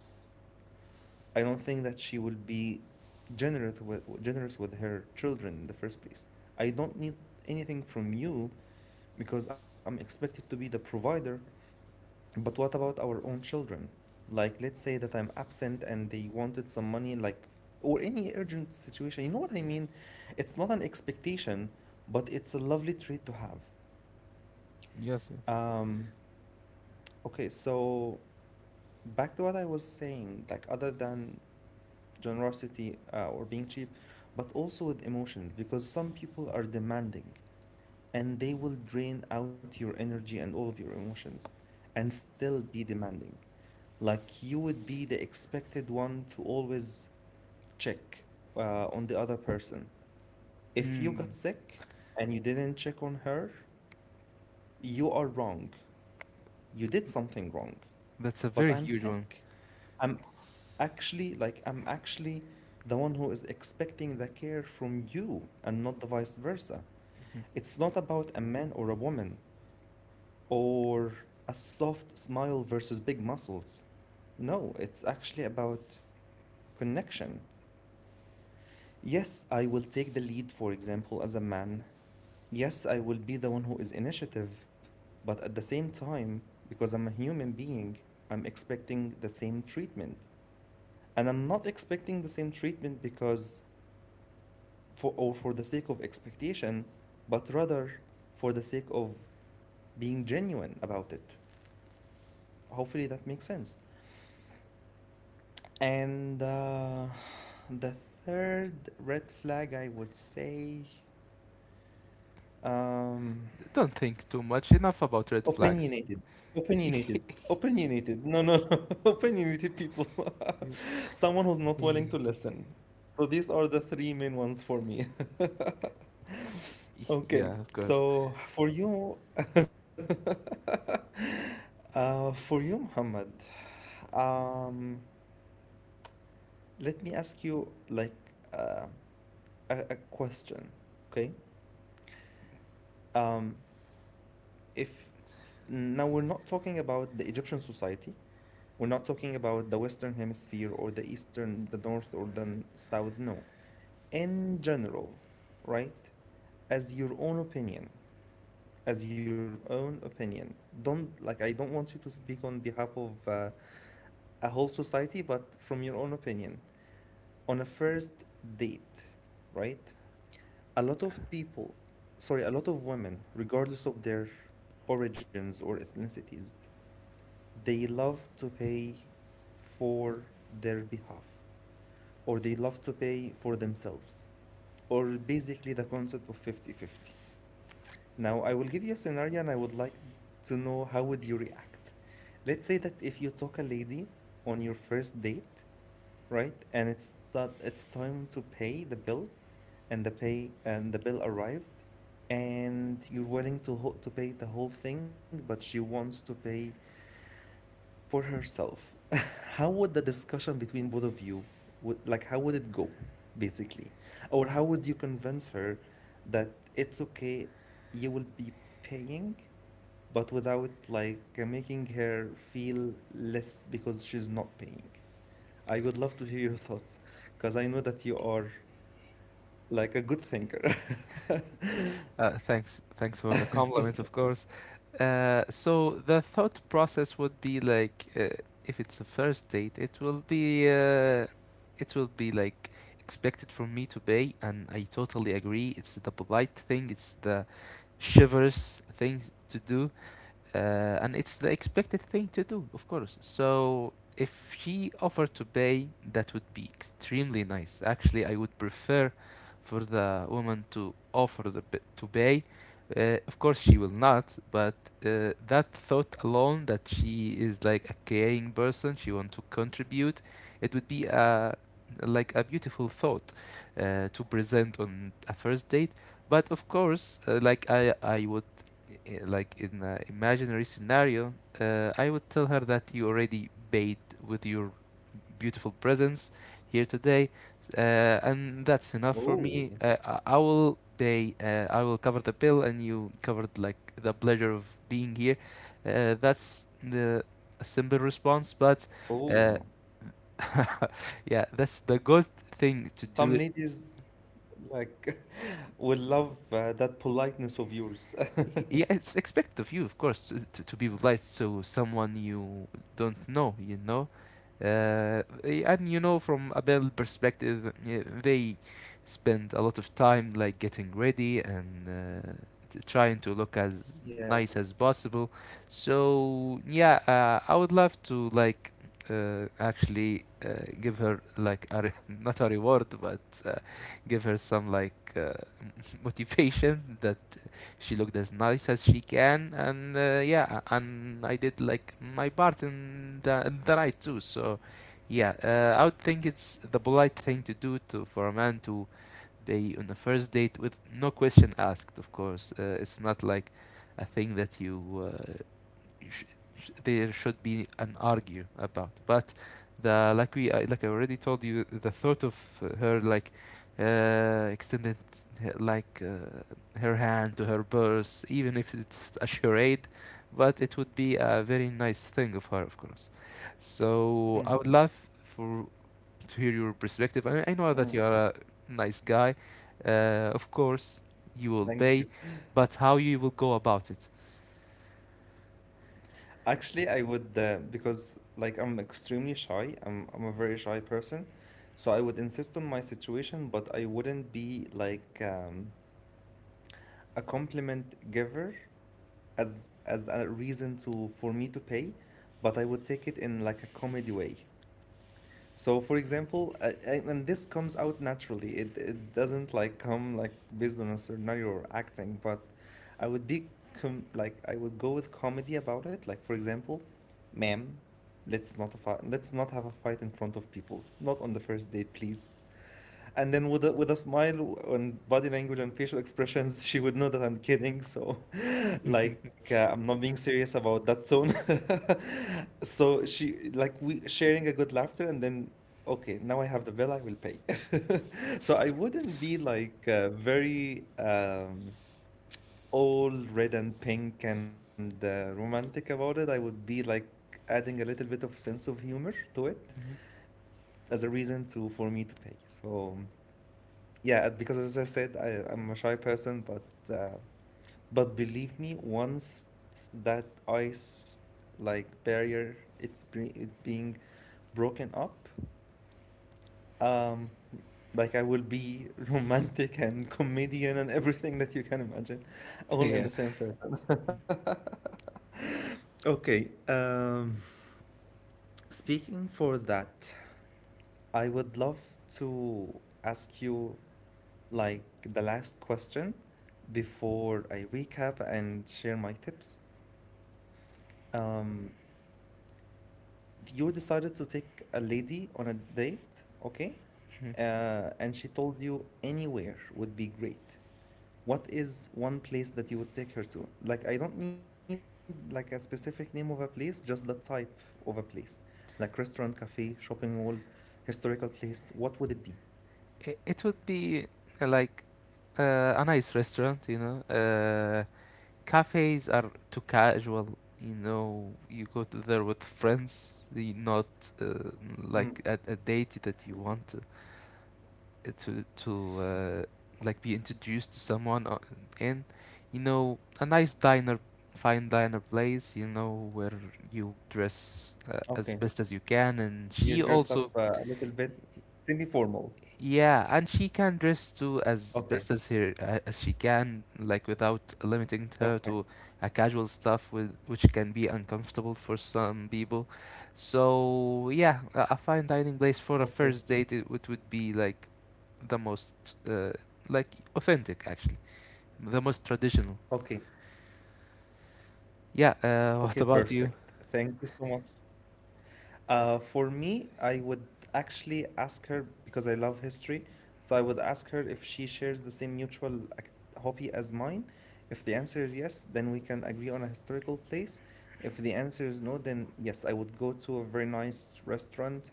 Speaker 1: I don't think that she will be generous with her children in the first place. I don't need anything from you because I'm expected to be the provider. But what about our own children? Like, let's say that I'm absent and they wanted some money, like, or any urgent situation. You know what I mean? It's not an expectation, but it's a lovely treat to have.
Speaker 2: yes.
Speaker 1: Um, okay, so back to what I was saying, like, other than generosity or being cheap, but also with emotions because some people are demanding and they will drain out your energy and all of your emotions and still be demanding. Like you would be the expected one to always check on the other person. If you
Speaker 2: Mm,
Speaker 1: got sick and you didn't check on her, you are wrong. You did something wrong.
Speaker 2: that's a
Speaker 1: But
Speaker 2: very
Speaker 1: I'm
Speaker 2: huge one.
Speaker 1: sick. I'm I'm actually the one who is expecting the care from you and not the vice versa.
Speaker 2: Mhm.
Speaker 1: It's not about a man or a woman or a soft smile versus big muscles. No, it's actually about connection. Yes, I will take the lead, for example, as a man. Yes, I will be the one who is initiative, but at the same time, because I'm a human being, I'm expecting the same treatment. And I'm not expecting the same treatment because for the sake of expectation, but rather for the sake of being genuine about it. Hopefully that makes sense. And The third red flag I would say um,
Speaker 2: D- Don't think too much. Enough about red flags.
Speaker 1: opinionated. Opinionated. Opinionated. No, no, no. Opinionated people. Someone who's not willing to listen. So these are the three main ones for me. Okay,
Speaker 2: Yeah, of course.
Speaker 1: so for you, for you, Muhammad, um, let me ask you like a question, okay? Um, if now we're not talking about the Egyptian society, we're not talking about the Western Hemisphere or the Eastern, the North or the South, no. In general, right? As your own opinion. As your own opinion. Don't, like, I don't want you to speak on behalf of a whole society, but from your own opinion. On a first date, right? A lot of people, sorry, a lot of women, regardless of their origins or ethnicities, they love to pay for their behalf or they love to pay for themselves or basically the concept of fifty-fifty. Now, I will give you a scenario and I would like to know how would you react. Let's say that if you took a lady on your first date, right? And it's that it's time to pay the bill and the bill arrived and you're willing to to pay the whole thing, but she wants to pay for herself, how would the discussion between both of you, would, like, how would it go, basically? Or how would you convince her that it's okay, you will be paying, but without, like, making her feel less because she's not paying? I would love to hear your thoughts, because I know that you are, like, a good thinker.
Speaker 2: Thanks, thanks for the compliments. Of course. So the thought process would be like, if it's a first date, it will be like expected from me to pay, and I totally agree. It's the polite thing. It's the chivalrous thing to do, uh, and it's the expected thing to do, of course. So if she offered to pay, that would be extremely nice. Actually, I would prefer for the woman to offer to pay. Of course, she will not, but that thought alone that she is like a caring person, she wants to contribute, it would be a like a beautiful thought to present on a first date. But of course, like I would, like in an imaginary scenario, I would tell her that you already bathed with your beautiful presence here today, uh, and that's enough for me.
Speaker 1: Oh,
Speaker 2: I will pay. I will cover the bill, and you covered like the pleasure of being here. That's the a simple response, but uh,
Speaker 1: oh.
Speaker 2: yeah, that's the good thing to
Speaker 1: Some
Speaker 2: do.
Speaker 1: ladies like will love that politeness of yours.
Speaker 2: Yeah, it's expect of you, of course, to be polite to someone you don't know, you know. And you know, from a Abel perspective, they spend a lot of time like getting ready and trying to look as nice
Speaker 1: Yeah.
Speaker 2: as possible. So yeah, I would love to like actually give her like a not a reward, but give her some like motivation that she looked as nice as she can, and yeah, and I did like my part in the right too. So yeah, I would think it's the polite thing to do to for a man to be on the first date with no question asked. Of course, it's not like a thing that you sh- there should be an argue about. But the, like we, I like I already told you the thought of her like extended like her hand to her purse, even if it's a charade, but it would be a very nice thing of her, of course. So I
Speaker 1: Mm,
Speaker 2: would love for to hear your perspective. I know that
Speaker 1: mm.
Speaker 2: you are a nice guy. Of course, you will pay,
Speaker 1: Thank you.
Speaker 2: but how you will go about it?
Speaker 1: Actually, I would because like I'm extremely shy. I'm a very shy person, so I would insist on my situation, but I wouldn't be like a compliment giver as a reason to for me to pay, but I would take it in like a comedy way. So, for example, and this comes out naturally. It doesn't like come like based on a scenario or acting, but I would be com like I would go with comedy about it. Like for example, ma'am, let's not have a fight in front of people. Not on the first date, please. And then with a smile and body language and facial expressions, she would know that I'm kidding. So, like I'm not being serious about that tone. So she like we sharing a good laughter, and then okay, now I have the bill, I will pay. So I wouldn't be like very all red and pink and romantic about it. I would be like adding a little bit of sense of humor to it as a reason to for me to pay. So yeah, because as I said, I'm a shy person, uh, but believe me, once that ice like barrier it's being broken up, um, like I will be romantic and comedian and everything that you can imagine, all
Speaker 2: Yeah.
Speaker 1: in the same person. Okay. Speaking for that, I would love to ask you like the last question before I recap and share my tips. Um, you decided to take a lady on a date, okay? And she told you anywhere would be great. What is one place that you would take her to? Like, I don't need like a specific name of a place, just the type of a place, like restaurant, cafe, shopping mall, historical place. What would it be?
Speaker 2: It would be like a nice restaurant, you know. Cafes are too casual, you know. You go to there with friends, you not uh,
Speaker 1: Mm,
Speaker 2: like at a date that you want to like be introduced to someone in. You know, a nice diner, fine diner place, you know, where you dress
Speaker 1: okay,
Speaker 2: as best as you can, and
Speaker 1: you
Speaker 2: she
Speaker 1: dress up
Speaker 2: also,
Speaker 1: a little bit semi-formal.
Speaker 2: yeah, and she can dress too as best
Speaker 1: Okay,
Speaker 2: as her as she can, like without limiting her to
Speaker 1: okay,
Speaker 2: a casual stuff with which can be uncomfortable for some people. So yeah, a fine dining place for a
Speaker 1: okay,
Speaker 2: first date it would be like the most uh, like authentic actually, the most traditional.
Speaker 1: okay,
Speaker 2: Yeah.
Speaker 1: okay,
Speaker 2: What about
Speaker 1: perfect.
Speaker 2: you?
Speaker 1: Thank you so much. For me, I would actually ask her because I love history. So I would ask her if she shares the same mutual hobby as mine. If the answer is yes, then we can agree on a historical place. If the answer is no, then yes, I would go to a very nice restaurant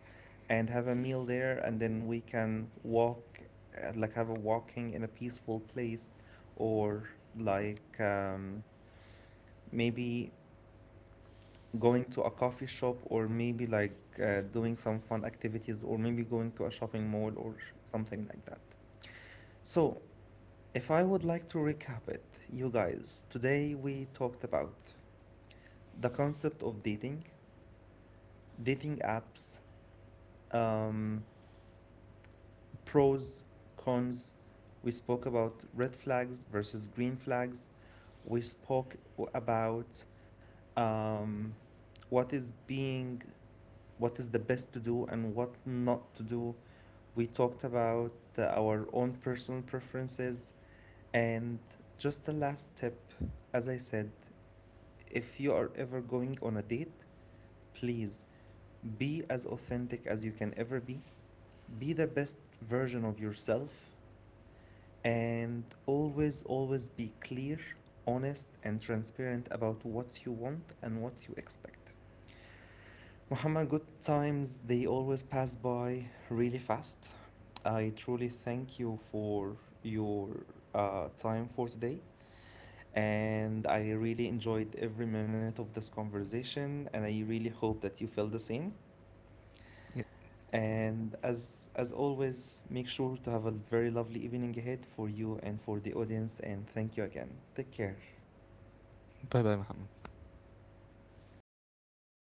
Speaker 1: and have a meal there, and then we can walk, like have a walking in a peaceful place, or like maybe going to a coffee shop or maybe like doing some fun activities or maybe going to a shopping mall or something like that. So, if I would like to recap it, you guys, today we talked about the concept of dating, dating apps, um, pros, cons. We spoke about red flags versus green flags. We spoke about um, what is being what is the best to do and what not to do. We talked about our own personal preferences. And just a last tip, as I said, if you are ever going on a date, please be as authentic as you can ever be the best version of yourself, and always, always be clear, honest, and transparent about what you want and what you expect. Muhammad, good times, they always pass by really fast. I truly thank you for your time for today. And I really enjoyed every minute of this conversation, and I really hope that you feel the same.
Speaker 2: Yeah.
Speaker 1: And as always, make sure to have a very lovely evening ahead for you and for the audience, and thank you again. Take care.
Speaker 2: Bye bye, Muhammad.